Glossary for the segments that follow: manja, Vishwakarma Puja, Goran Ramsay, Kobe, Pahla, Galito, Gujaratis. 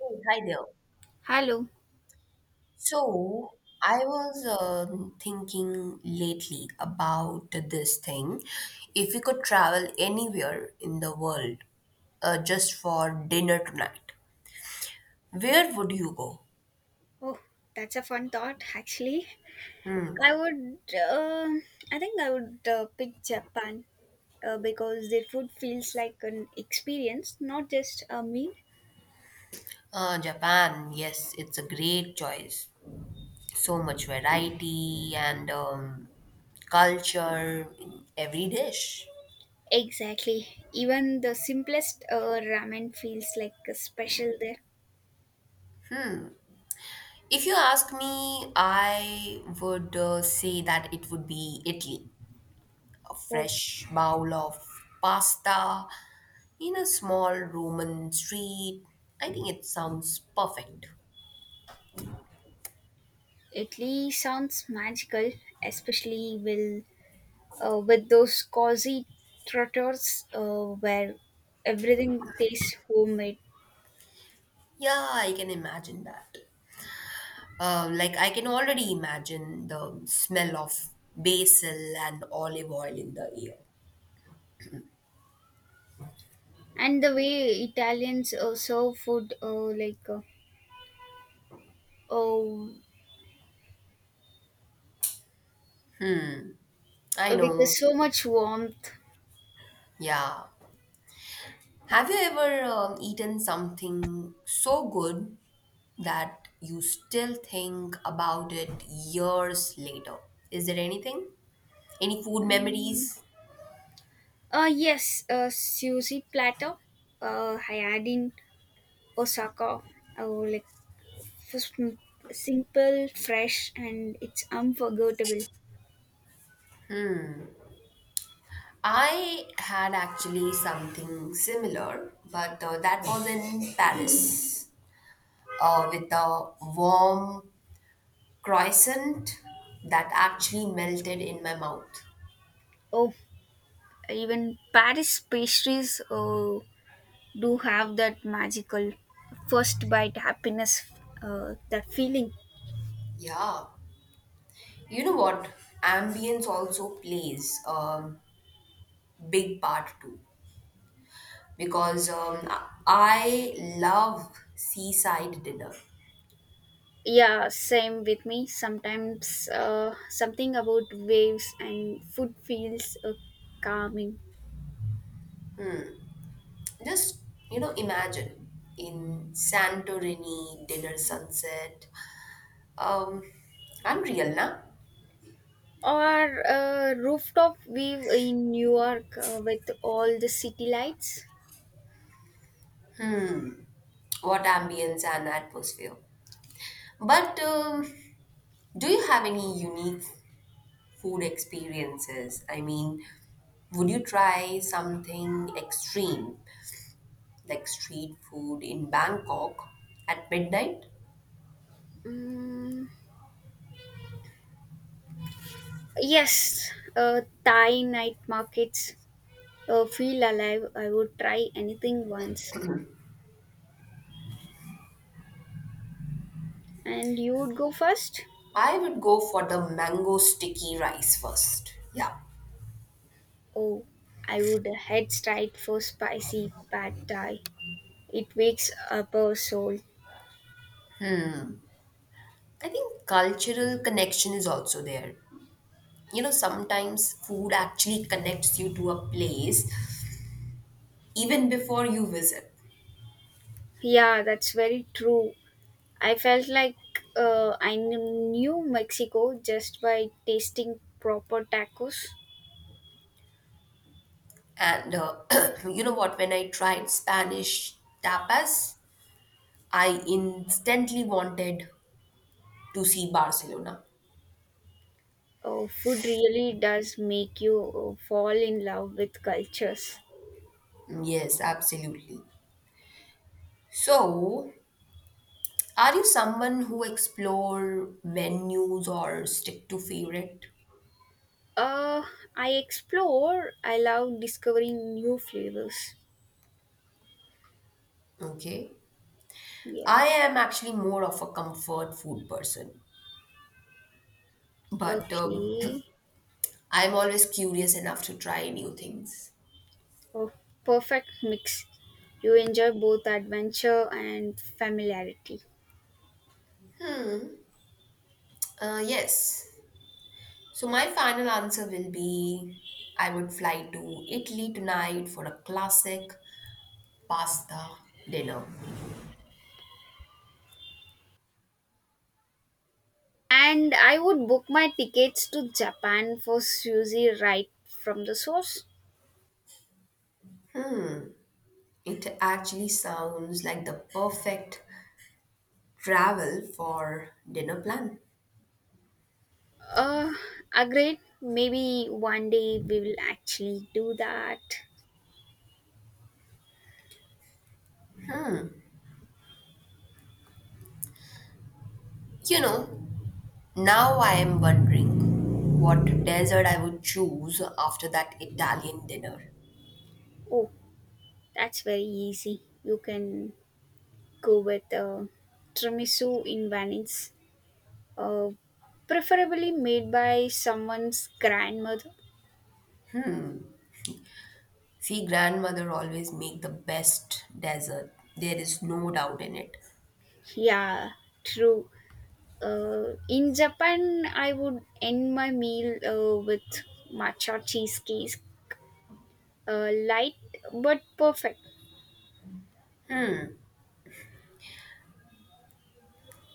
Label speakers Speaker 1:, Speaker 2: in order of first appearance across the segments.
Speaker 1: Hey, hi there.
Speaker 2: Hello.
Speaker 1: So, I was thinking lately about this thing. If we could travel anywhere in the world just for dinner tonight, where would you go?
Speaker 2: Oh, that's a fun thought, actually. I would, uh, I think I would pick Japan because their food feels like an experience, not just a meal.
Speaker 1: Japan, yes, it's a great choice. So much variety and culture in every dish.
Speaker 2: Exactly. Even the simplest ramen feels like a special there.
Speaker 1: If you ask me, I would say that it would be Italy. A
Speaker 2: Oh,
Speaker 1: fresh bowl of pasta in a small Roman street. I think it sounds perfect.
Speaker 2: Italy sounds magical, especially with those cozy trotters where everything tastes homemade.
Speaker 1: Yeah, I can imagine that. Like, I can already imagine the smell of basil and olive oil in the air.
Speaker 2: And the way Italians serve food, oh,
Speaker 1: I
Speaker 2: with
Speaker 1: know.
Speaker 2: so much warmth.
Speaker 1: Yeah. Have you ever eaten something so good that you still think about it years later? Is there anything? Any food
Speaker 2: Mm.
Speaker 1: memories?
Speaker 2: Yes, a sushi platter. I had in Osaka. Oh, like just m- simple, fresh, and it's unforgettable.
Speaker 1: I had actually something similar, but that was in Paris with a warm croissant that actually melted in my mouth.
Speaker 2: Oh, even Paris pastries do have that magical first bite happiness, that feeling.
Speaker 1: Yeah, you know what? Ambience also plays a big part too because I love seaside dinner.
Speaker 2: Yeah, same with me. Sometimes something about waves and food feels calming.
Speaker 1: Just imagine in Santorini dinner sunset. Um, unreal, na?
Speaker 2: Or a rooftop view in New York with all the city lights.
Speaker 1: What ambience and atmosphere. But do you have any unique food experiences? I mean, would you try something extreme like street food in Bangkok at midnight?
Speaker 2: Mm, yes, Thai night markets feel alive. I would try anything once. And you would go first?
Speaker 1: I would go for the mango sticky rice first. Yeah.
Speaker 2: Oh, I would head straight for spicy pad thai. It wakes up our soul.
Speaker 1: I think cultural connection is also there. You know, sometimes food actually connects you to a place even before you visit.
Speaker 2: Yeah, that's very true. I felt like knew Mexico just by tasting proper tacos.
Speaker 1: And you know what? When I tried Spanish tapas, I instantly wanted to see Barcelona.
Speaker 2: Food really does make you fall in love with cultures.
Speaker 1: Mm, yes, absolutely. So, are you someone who explore menus or stick to favorite?
Speaker 2: Uh, I explore, I love discovering new flavors.
Speaker 1: Okay.
Speaker 2: Yeah.
Speaker 1: I am actually more of a comfort food person, but
Speaker 2: Okay.
Speaker 1: I'm always curious enough to try new things.
Speaker 2: Oh, perfect mix. You enjoy both adventure and familiarity.
Speaker 1: Yes. So my final answer will be I would fly to Italy tonight for a classic pasta dinner.
Speaker 2: And I would book my tickets to Japan for sushi right from the source.
Speaker 1: It actually sounds like the perfect travel for dinner plan.
Speaker 2: Uh, Agreed. Maybe one day we will actually do that.
Speaker 1: You know, now I am wondering what desert I would choose after that Italian dinner.
Speaker 2: Oh, that's very easy. You can go with tiramisu in Venice, uh, preferably made by someone's grandmother.
Speaker 1: See, grandmother always make the best dessert. There is no doubt in it.
Speaker 2: Yeah, true. In Japan, I would end my meal with matcha cheesecake. Light but perfect.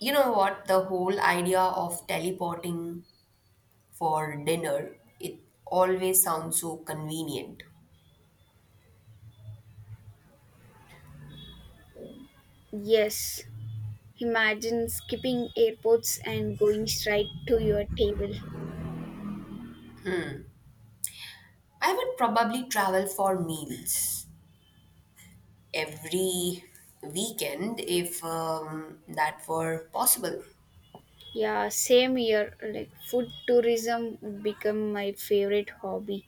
Speaker 1: You know what? The whole idea of teleporting for dinner, it always sounds so convenient.
Speaker 2: Yes. Imagine skipping airports and going straight to your table.
Speaker 1: I would probably travel for meals every weekend if that were possible.
Speaker 2: Yeah, same here. Like food tourism would become my favorite hobby.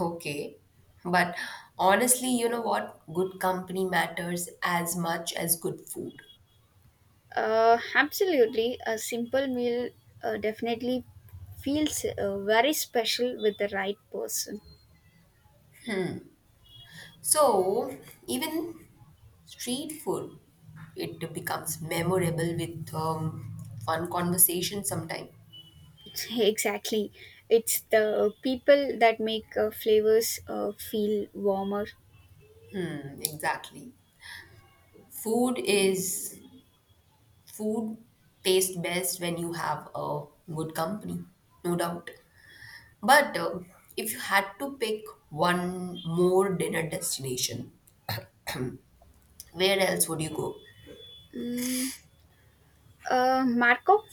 Speaker 1: Okay. But honestly, you know what? Good company matters as much as good food.
Speaker 2: Absolutely. A simple meal definitely feels very special with the right person.
Speaker 1: So, even street food, it becomes memorable with fun conversation sometime.
Speaker 2: Exactly. It's the people that make flavors feel warmer.
Speaker 1: Hmm, exactly. Food is Food tastes best when you have a good company, no doubt. But if you had to pick one more dinner destination, where else would you go?
Speaker 2: Mm, Marco?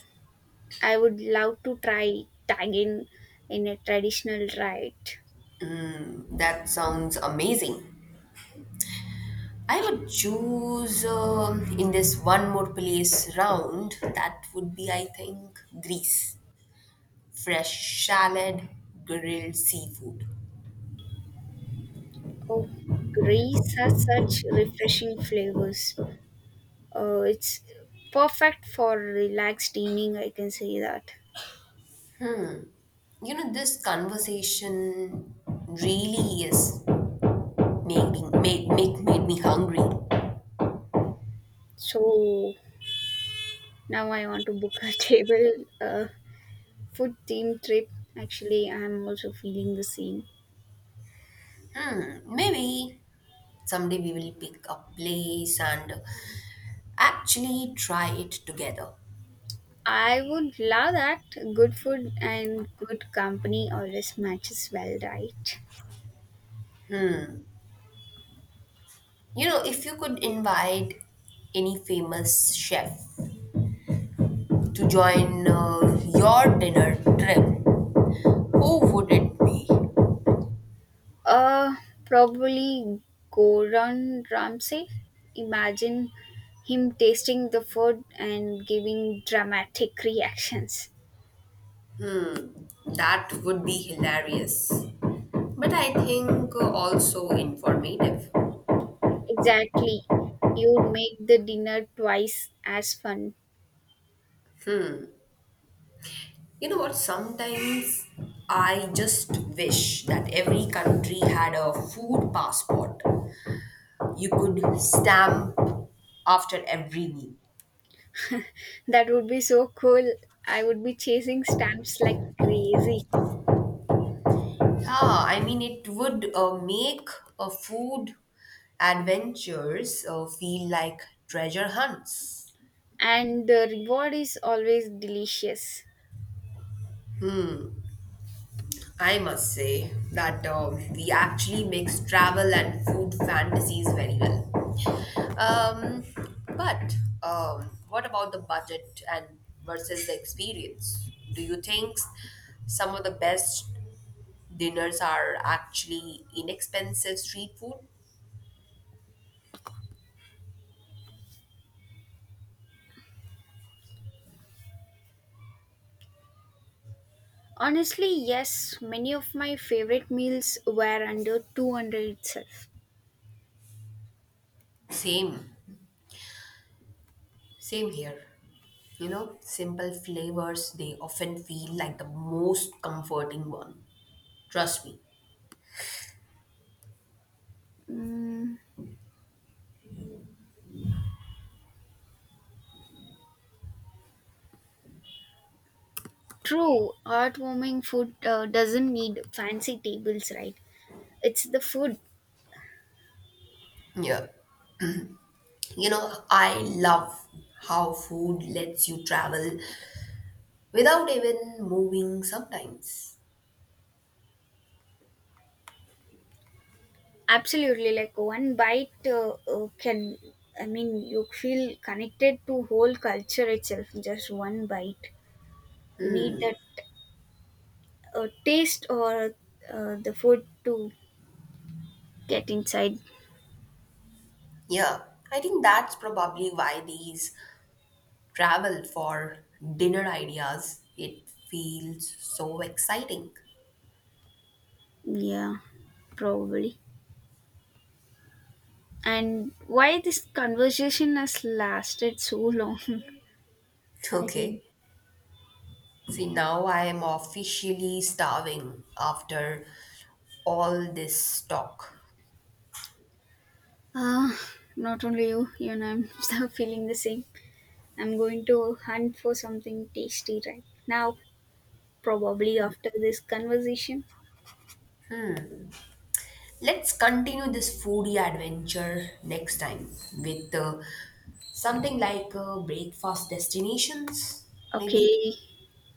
Speaker 2: I would love to try tagging in a traditional diet.
Speaker 1: That sounds amazing. I would choose in this one more place round. That would be, I think, Greece. Fresh salad, grilled seafood.
Speaker 2: Oh, Greece has such refreshing flavors. It's perfect for relaxed eating, I can say that.
Speaker 1: You know, this conversation really is making made, make made me hungry.
Speaker 2: So now I want to book a table, food theme trip. Actually, I'm also feeling the same.
Speaker 1: Hmm, maybe someday we will pick a place and actually try it together.
Speaker 2: I would love that. Good food and good company always matches well, right?
Speaker 1: You know, if you could invite any famous chef to join your dinner trip, who would it be?
Speaker 2: Uh, Probably Goran Ramsay. Imagine him tasting the food and giving dramatic reactions.
Speaker 1: Hmm, that would be hilarious. But I think also informative.
Speaker 2: Exactly. You would make the dinner twice as fun.
Speaker 1: Hmm. You know what? Sometimes I just wish that every country had a food passport you could stamp after every meal.
Speaker 2: That would be so cool. I would be chasing stamps like crazy.
Speaker 1: Yeah, I mean, it would make food adventures feel like treasure hunts.
Speaker 2: And the reward is always delicious.
Speaker 1: I must say that we actually mix travel and food fantasies very well. Um, but what about the budget and versus the experience? Do you think some of the best dinners are actually inexpensive street food.
Speaker 2: Honestly, yes, many of my favorite meals were under 200 itself.
Speaker 1: Same, same here. You know, simple flavors, they often feel like the most comforting one. Trust me.
Speaker 2: Mm, True, heartwarming food doesn't need fancy tables, right? It's the food.
Speaker 1: Yeah. You know, I love how food lets you travel without even moving sometimes.
Speaker 2: Absolutely, like I mean, you feel connected to whole culture itself. Just one bite, you need that taste or the food to get inside.
Speaker 1: Yeah, I think that's probably why these travel for dinner ideas, it feels so exciting.
Speaker 2: Yeah, probably. And why this conversation has lasted so long? I feel.
Speaker 1: Okay. See, now I am officially starving after all this talk.
Speaker 2: Ah, not only you, you and I'm feeling the same. I'm going to hunt for something tasty right now, probably after this conversation.
Speaker 1: Let's continue this foodie adventure next time with something like breakfast destinations, maybe.
Speaker 2: Okay,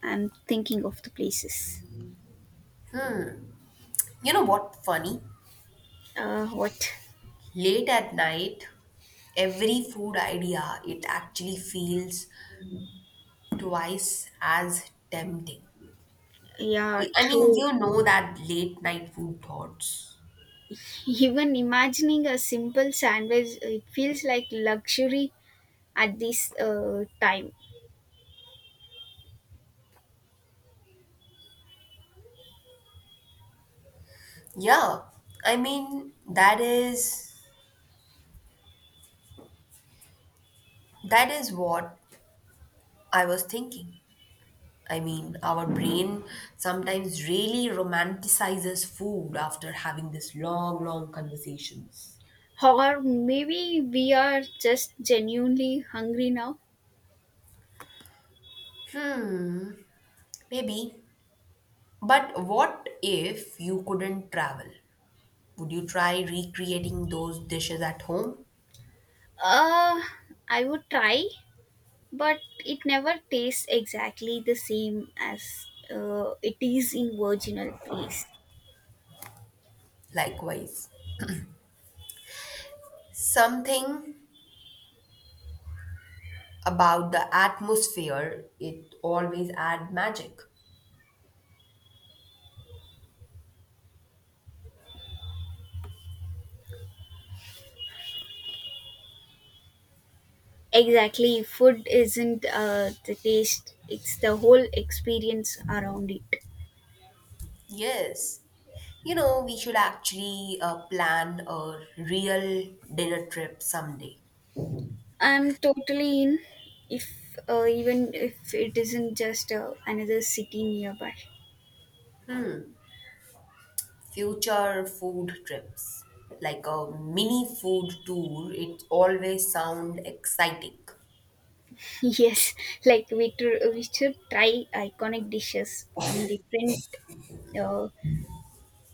Speaker 2: I'm thinking of the places.
Speaker 1: You know what? Funny.
Speaker 2: What?
Speaker 1: Late at night, every food idea it actually feels twice as tempting.
Speaker 2: Yeah,
Speaker 1: I mean,
Speaker 2: true.
Speaker 1: you know that late night food thoughts.
Speaker 2: Even imagining a simple sandwich, it feels like luxury at this time.
Speaker 1: Yeah, I mean, that is what I was thinking. I mean, our brain sometimes really romanticizes food after having these long, long conversations.
Speaker 2: Or maybe we are just genuinely hungry now.
Speaker 1: Maybe. But what if you couldn't travel? Would you try recreating those dishes at home?
Speaker 2: Uh, I would try, but it never tastes exactly the same as it is in original place.
Speaker 1: Likewise. Something about the atmosphere, it always adds magic.
Speaker 2: Exactly, food isn't the taste, it's the whole experience around it.
Speaker 1: Yes. You know, we should actually plan a real dinner trip someday.
Speaker 2: I'm totally in, if even if it isn't just another city nearby.
Speaker 1: Future food trips, like a mini food tour. It always sound exciting.
Speaker 2: Yes, like we should try iconic dishes from different uh,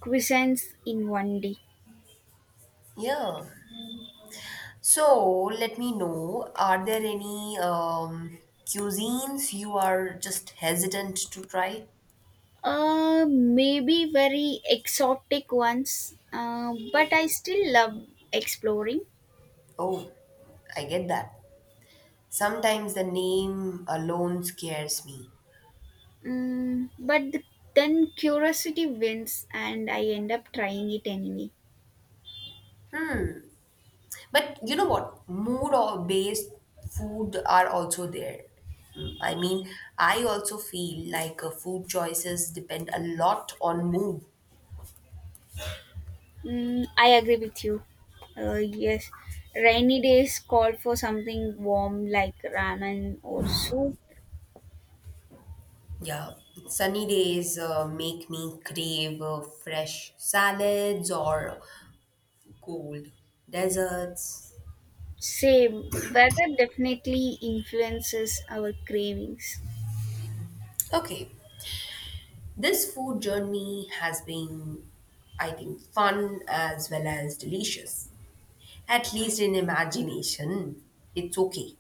Speaker 2: cuisines in one day.
Speaker 1: Yeah. So let me know, are there any cuisines you are just hesitant to try?
Speaker 2: Maybe very exotic ones, but I still love exploring.
Speaker 1: Oh, I get that. Sometimes the name alone scares me.
Speaker 2: Mm, but th- then curiosity wins, and I end up trying it anyway.
Speaker 1: But you know what? Mood or based food are also there. Mm, I mean, I also feel like food choices depend a lot on mood.
Speaker 2: Mm, I agree with you. Yes, rainy days call for something warm like ramen or soup.
Speaker 1: Yeah, sunny days make me crave fresh salads or cold desserts.
Speaker 2: Same, weather definitely influences our cravings.
Speaker 1: Okay, this food journey has been, I think, fun as well as delicious. At least in imagination, it's okay.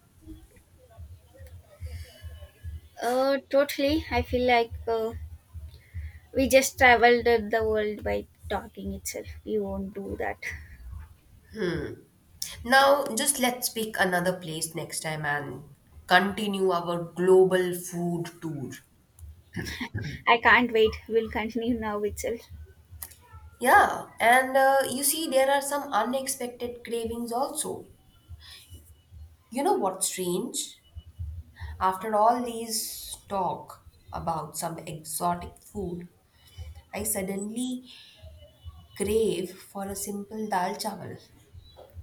Speaker 2: Totally. I feel like we just traveled the world by talking itself. We won't do that.
Speaker 1: Now, just let's pick another place next time and continue our global food tour.
Speaker 2: I can't wait. We'll continue now itself.
Speaker 1: Yeah, and you see, there are some unexpected cravings also. You know what's strange? After all these talk about some exotic food, I suddenly crave for a simple dal chawal.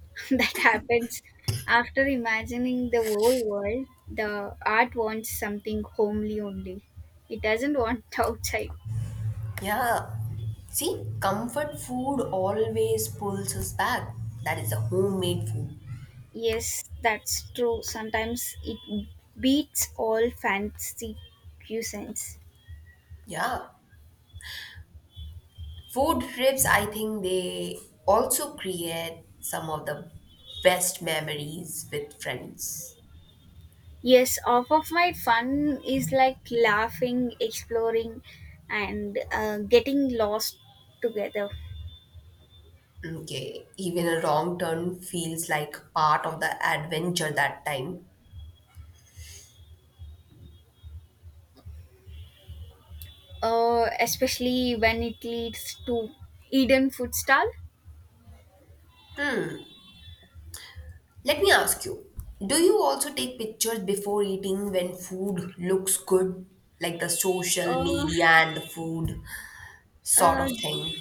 Speaker 2: That happens. After imagining the whole world, the art wants something homely only. It doesn't want outside.
Speaker 1: Yeah, see, comfort food always pulls us back. That is a homemade food.
Speaker 2: Yes, that's true. Sometimes it beats all fancy cuisines.
Speaker 1: Yeah. Food trips, I think they also create some of the best memories with friends.
Speaker 2: Yes, half of my fun is like laughing, exploring, and getting lost together.
Speaker 1: Okay, even a wrong turn feels like part of the adventure that time.
Speaker 2: Especially when it leads to Eden food stall.
Speaker 1: Let me ask you, do you also take pictures before eating when food looks good? Like the social
Speaker 2: Uh,
Speaker 1: media and the food sort
Speaker 2: uh,
Speaker 1: of thing.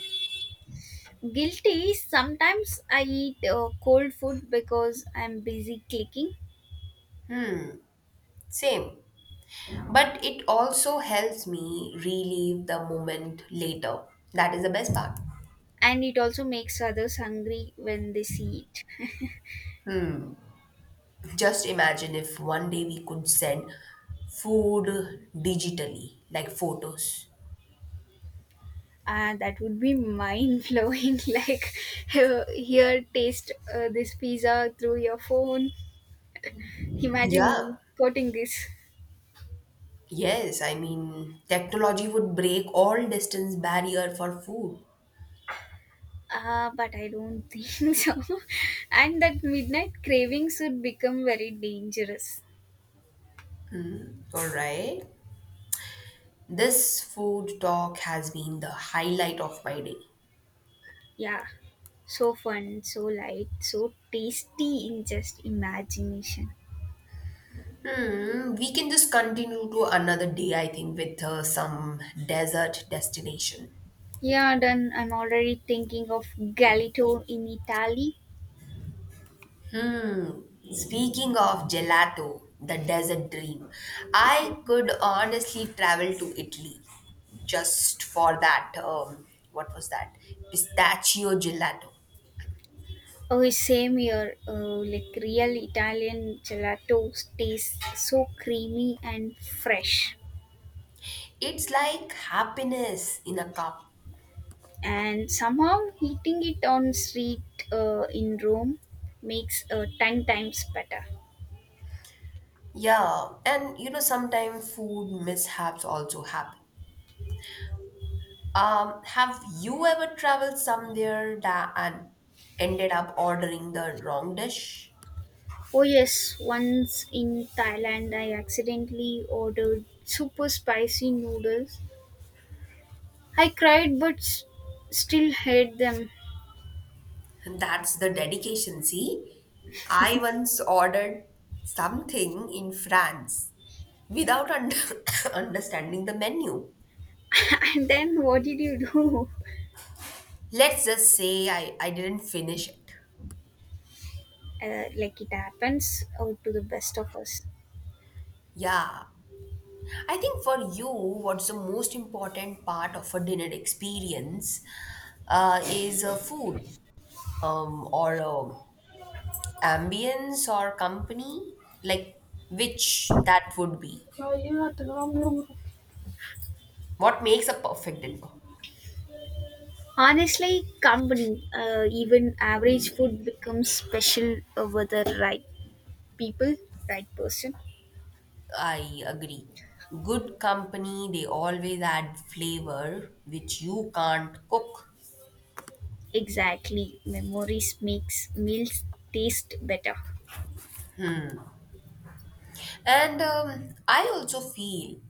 Speaker 2: Guilty. Sometimes I eat cold food because I'm busy clicking,
Speaker 1: Same. But it also helps me relive the moment later. That is the best part.
Speaker 2: and it also makes others hungry when they see it.
Speaker 1: Just imagine if one day we could send food digitally, like photos.
Speaker 2: That would be mind blowing. Like, here, taste this pizza through your phone.
Speaker 1: Yeah,
Speaker 2: Imagine quoting this.
Speaker 1: yes, I mean, technology would break all distance barrier for food.
Speaker 2: Ah, but I don't think so, and that midnight cravings would become very dangerous.
Speaker 1: All right. This food talk has been the highlight of my day.
Speaker 2: Yeah, so fun, so light, so tasty in just imagination.
Speaker 1: Hmm, we can just continue to another day, I think, with some desert destination.
Speaker 2: Yeah, done. I'm already thinking of Galito in Italy.
Speaker 1: Speaking of gelato, the desert dream, I could honestly travel to Italy just for that. What was that? Pistachio gelato.
Speaker 2: Oh, same here. Like real Italian gelato tastes so creamy and fresh.
Speaker 1: It's like happiness in a cup.
Speaker 2: And somehow eating it on street in Rome makes 10 times better.
Speaker 1: Yeah, and you know, sometimes food mishaps also happen. Have you ever traveled somewhere that and ended up ordering the wrong dish?
Speaker 2: Oh yes, once in Thailand I accidentally ordered super spicy noodles. I cried, but still hate them.
Speaker 1: That's the dedication, see? I once ordered something in France without understanding the menu.
Speaker 2: And then what did you do?
Speaker 1: Let's just say I didn't finish it.
Speaker 2: Like it happens to the best of us.
Speaker 1: Yeah. I think for you, what's the most important part of a dinner experience is a food or a ambience or company? Like, which that would be?
Speaker 2: Oh, yeah.
Speaker 1: What makes a perfect dinner?
Speaker 2: Honestly, company, even average food becomes special over the right. people right person.
Speaker 1: I agree. Good company, they always add flavor which you can't cook.
Speaker 2: Exactly, memories makes meals taste better.
Speaker 1: And I also feel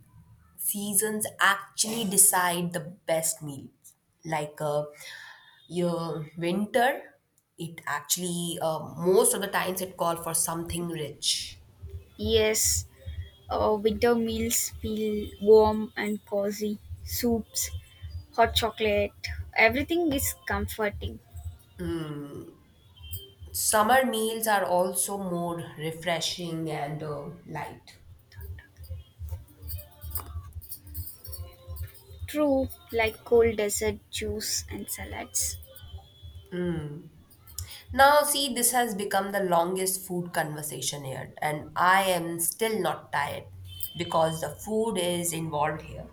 Speaker 1: seasons actually decide the best meal. Like your winter, it actually, most of the times, it call for something rich.
Speaker 2: Yes, winter meals feel warm and cozy. Soups, hot chocolate, everything is comforting.
Speaker 1: Summer meals are also more refreshing and light.
Speaker 2: True, like cold dessert juice and salads.
Speaker 1: Now, see, this has become the longest food conversation here, and I am still not tired because the food is involved here.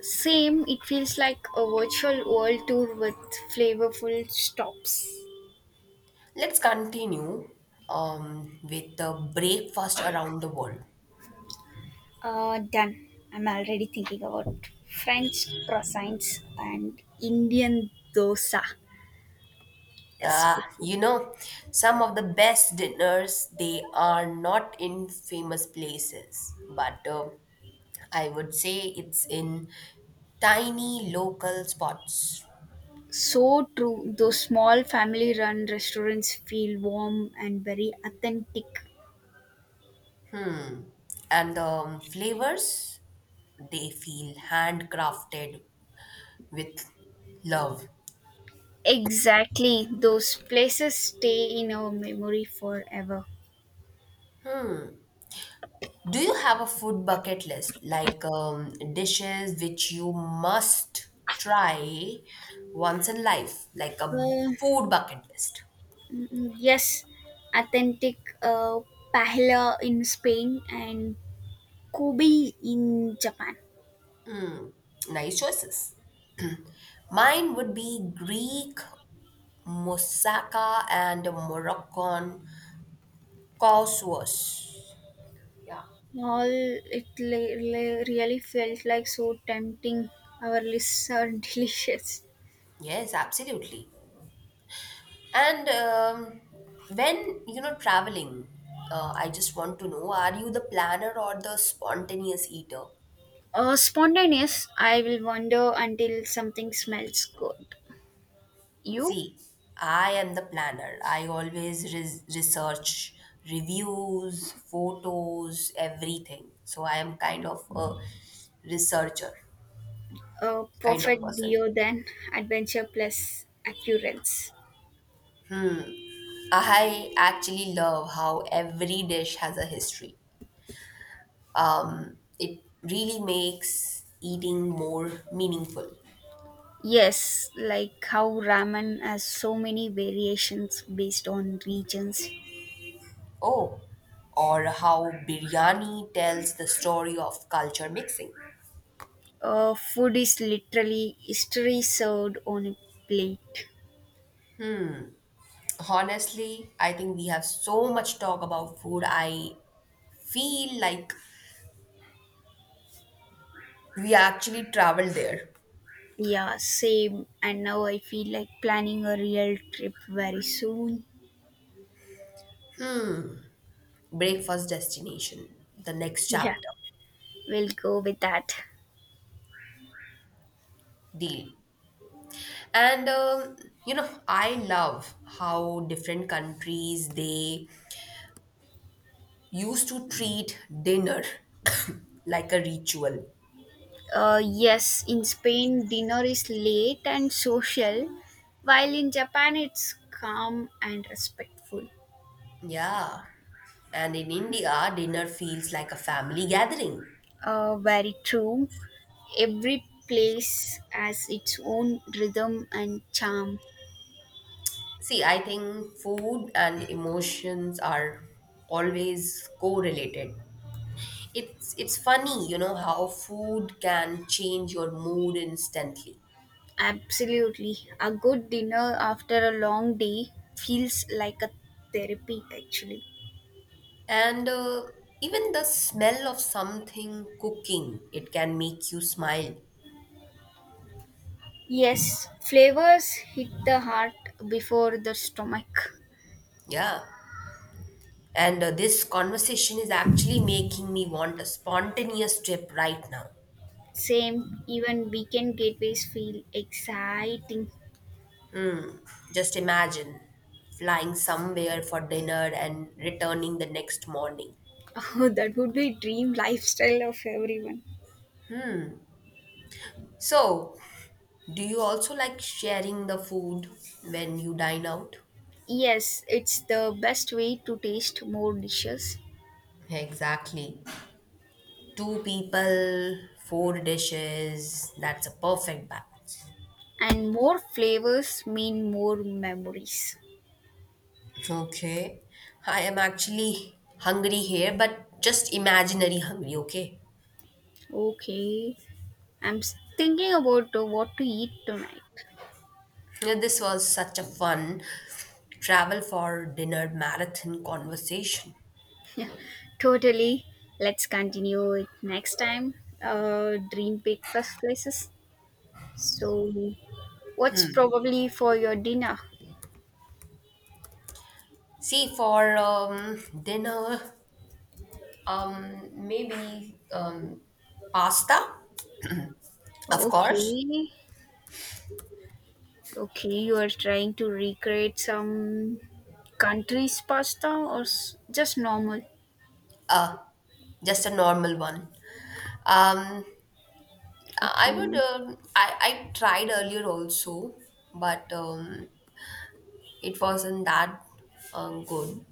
Speaker 2: Same, it feels like a virtual world tour with flavorful stops.
Speaker 1: Let's continue with the breakfast around the world.
Speaker 2: Done. I'm already thinking about French croissants and Indian dosa,
Speaker 1: Ah,
Speaker 2: especially.
Speaker 1: you know, some of the best dinners they are not in famous places, but I would say it's in tiny local spots.
Speaker 2: So true. Those small family run restaurants feel warm and very authentic.
Speaker 1: And the flavors, they feel handcrafted with love.
Speaker 2: Exactly. Those places stay in our memory forever.
Speaker 1: Do you have a food bucket list, like dishes which you must try once in life, like a
Speaker 2: Uh,
Speaker 1: food bucket list?
Speaker 2: yes, authentic Pahla in Spain and Kobe in Japan.
Speaker 1: Nice choices. Mine would be Greek moussaka and Moroccan couscous. Yeah.
Speaker 2: All it really felt like so tempting. Our lists are delicious.
Speaker 1: Yes, absolutely. And when you know traveling, I just want to know: Are you the planner or the spontaneous eater?
Speaker 2: Spontaneous, I will wander until something smells good. You?
Speaker 1: See, I am the planner. I always research reviews, photos, everything. So I am kind of a researcher
Speaker 2: A
Speaker 1: kind of
Speaker 2: perfect dio
Speaker 1: person.
Speaker 2: then, adventure plus accurance.
Speaker 1: I actually love how every dish has a history. It really makes eating more meaningful.
Speaker 2: Yes, like how ramen has so many variations based on regions.
Speaker 1: Oh, or how biryani tells the story of culture mixing.
Speaker 2: Food is literally history served on a plate.
Speaker 1: Honestly, I think we have so much talk about food. I feel like we actually traveled there.
Speaker 2: Yeah, same. And now I feel like planning a real trip very soon.
Speaker 1: Breakfast destination, the next
Speaker 2: Yeah,
Speaker 1: chapter,
Speaker 2: we'll go with that.
Speaker 1: deal. And you know, I love how different countries they used to treat dinner like a ritual.
Speaker 2: Yes, in Spain, dinner is late and social, while in Japan, it's calm and respectful.
Speaker 1: Yeah. And in India, dinner feels like a family gathering.
Speaker 2: Very true. Every place has its own rhythm and charm.
Speaker 1: See, I think food and emotions are always correlated. It's funny, you know, how food can change your mood instantly.
Speaker 2: Absolutely. A good dinner after a long day feels like a therapy, actually.
Speaker 1: And even the smell of something cooking, it can make you smile.
Speaker 2: Yes, flavors hit the heart before the stomach.
Speaker 1: Yeah. And this conversation is actually making me want a spontaneous trip right now.
Speaker 2: Same, even weekend gateways feel exciting.
Speaker 1: Just imagine flying somewhere for dinner and returning the next morning.
Speaker 2: Oh, that would be dream lifestyle of everyone.
Speaker 1: So, do you also like sharing the food when you dine out?
Speaker 2: Yes, it's the best way to taste more dishes,
Speaker 1: Exactly. Two people, four dishes. That's a perfect balance.
Speaker 2: and more flavors mean more memories.
Speaker 1: Okay. I am actually hungry here, but just imaginary hungry, okay?
Speaker 2: Okay. I'm thinking about what to eat tonight.
Speaker 1: Yeah, this was such a fun travel for dinner marathon conversation.
Speaker 2: Totally. Let's continue it next time. Dream breakfast places. So, what's probably for your dinner?
Speaker 1: See, for dinner, maybe pasta, of course,
Speaker 2: Okay. Okay, you are trying to recreate some country's pasta or just normal?
Speaker 1: just a normal one. Um, I would,
Speaker 2: Okay.
Speaker 1: um, I, I tried earlier also, but it wasn't that good.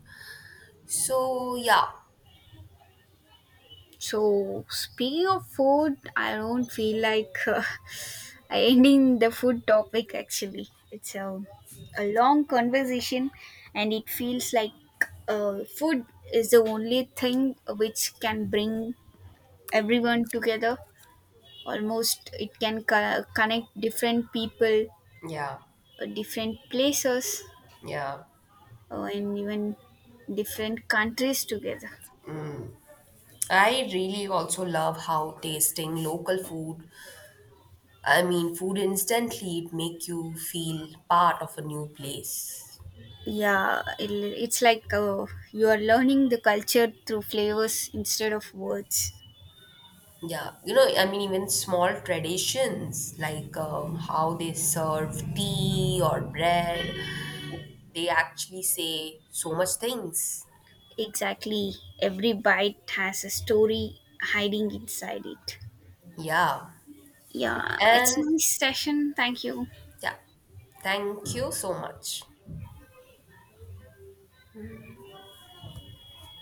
Speaker 1: So, yeah,
Speaker 2: So, speaking of food, I don't feel like ending the food topic actually. It's a long conversation, and it feels like food is the only thing which can bring everyone together almost. It can connect different people,
Speaker 1: yeah,
Speaker 2: different places,
Speaker 1: yeah.
Speaker 2: and even different countries together.
Speaker 1: I really also love how tasting local food, I mean, food instantly, it make you feel part of a new place.
Speaker 2: Yeah, it's like you are learning the culture through flavors instead of words.
Speaker 1: Yeah, you know, I mean, even small traditions like how they serve tea or bread, they actually say so much things.
Speaker 2: Exactly, every bite has a story hiding inside it.
Speaker 1: Yeah.
Speaker 2: Yeah,
Speaker 1: And
Speaker 2: it's nice session, thank you.
Speaker 1: yeah, thank you so much.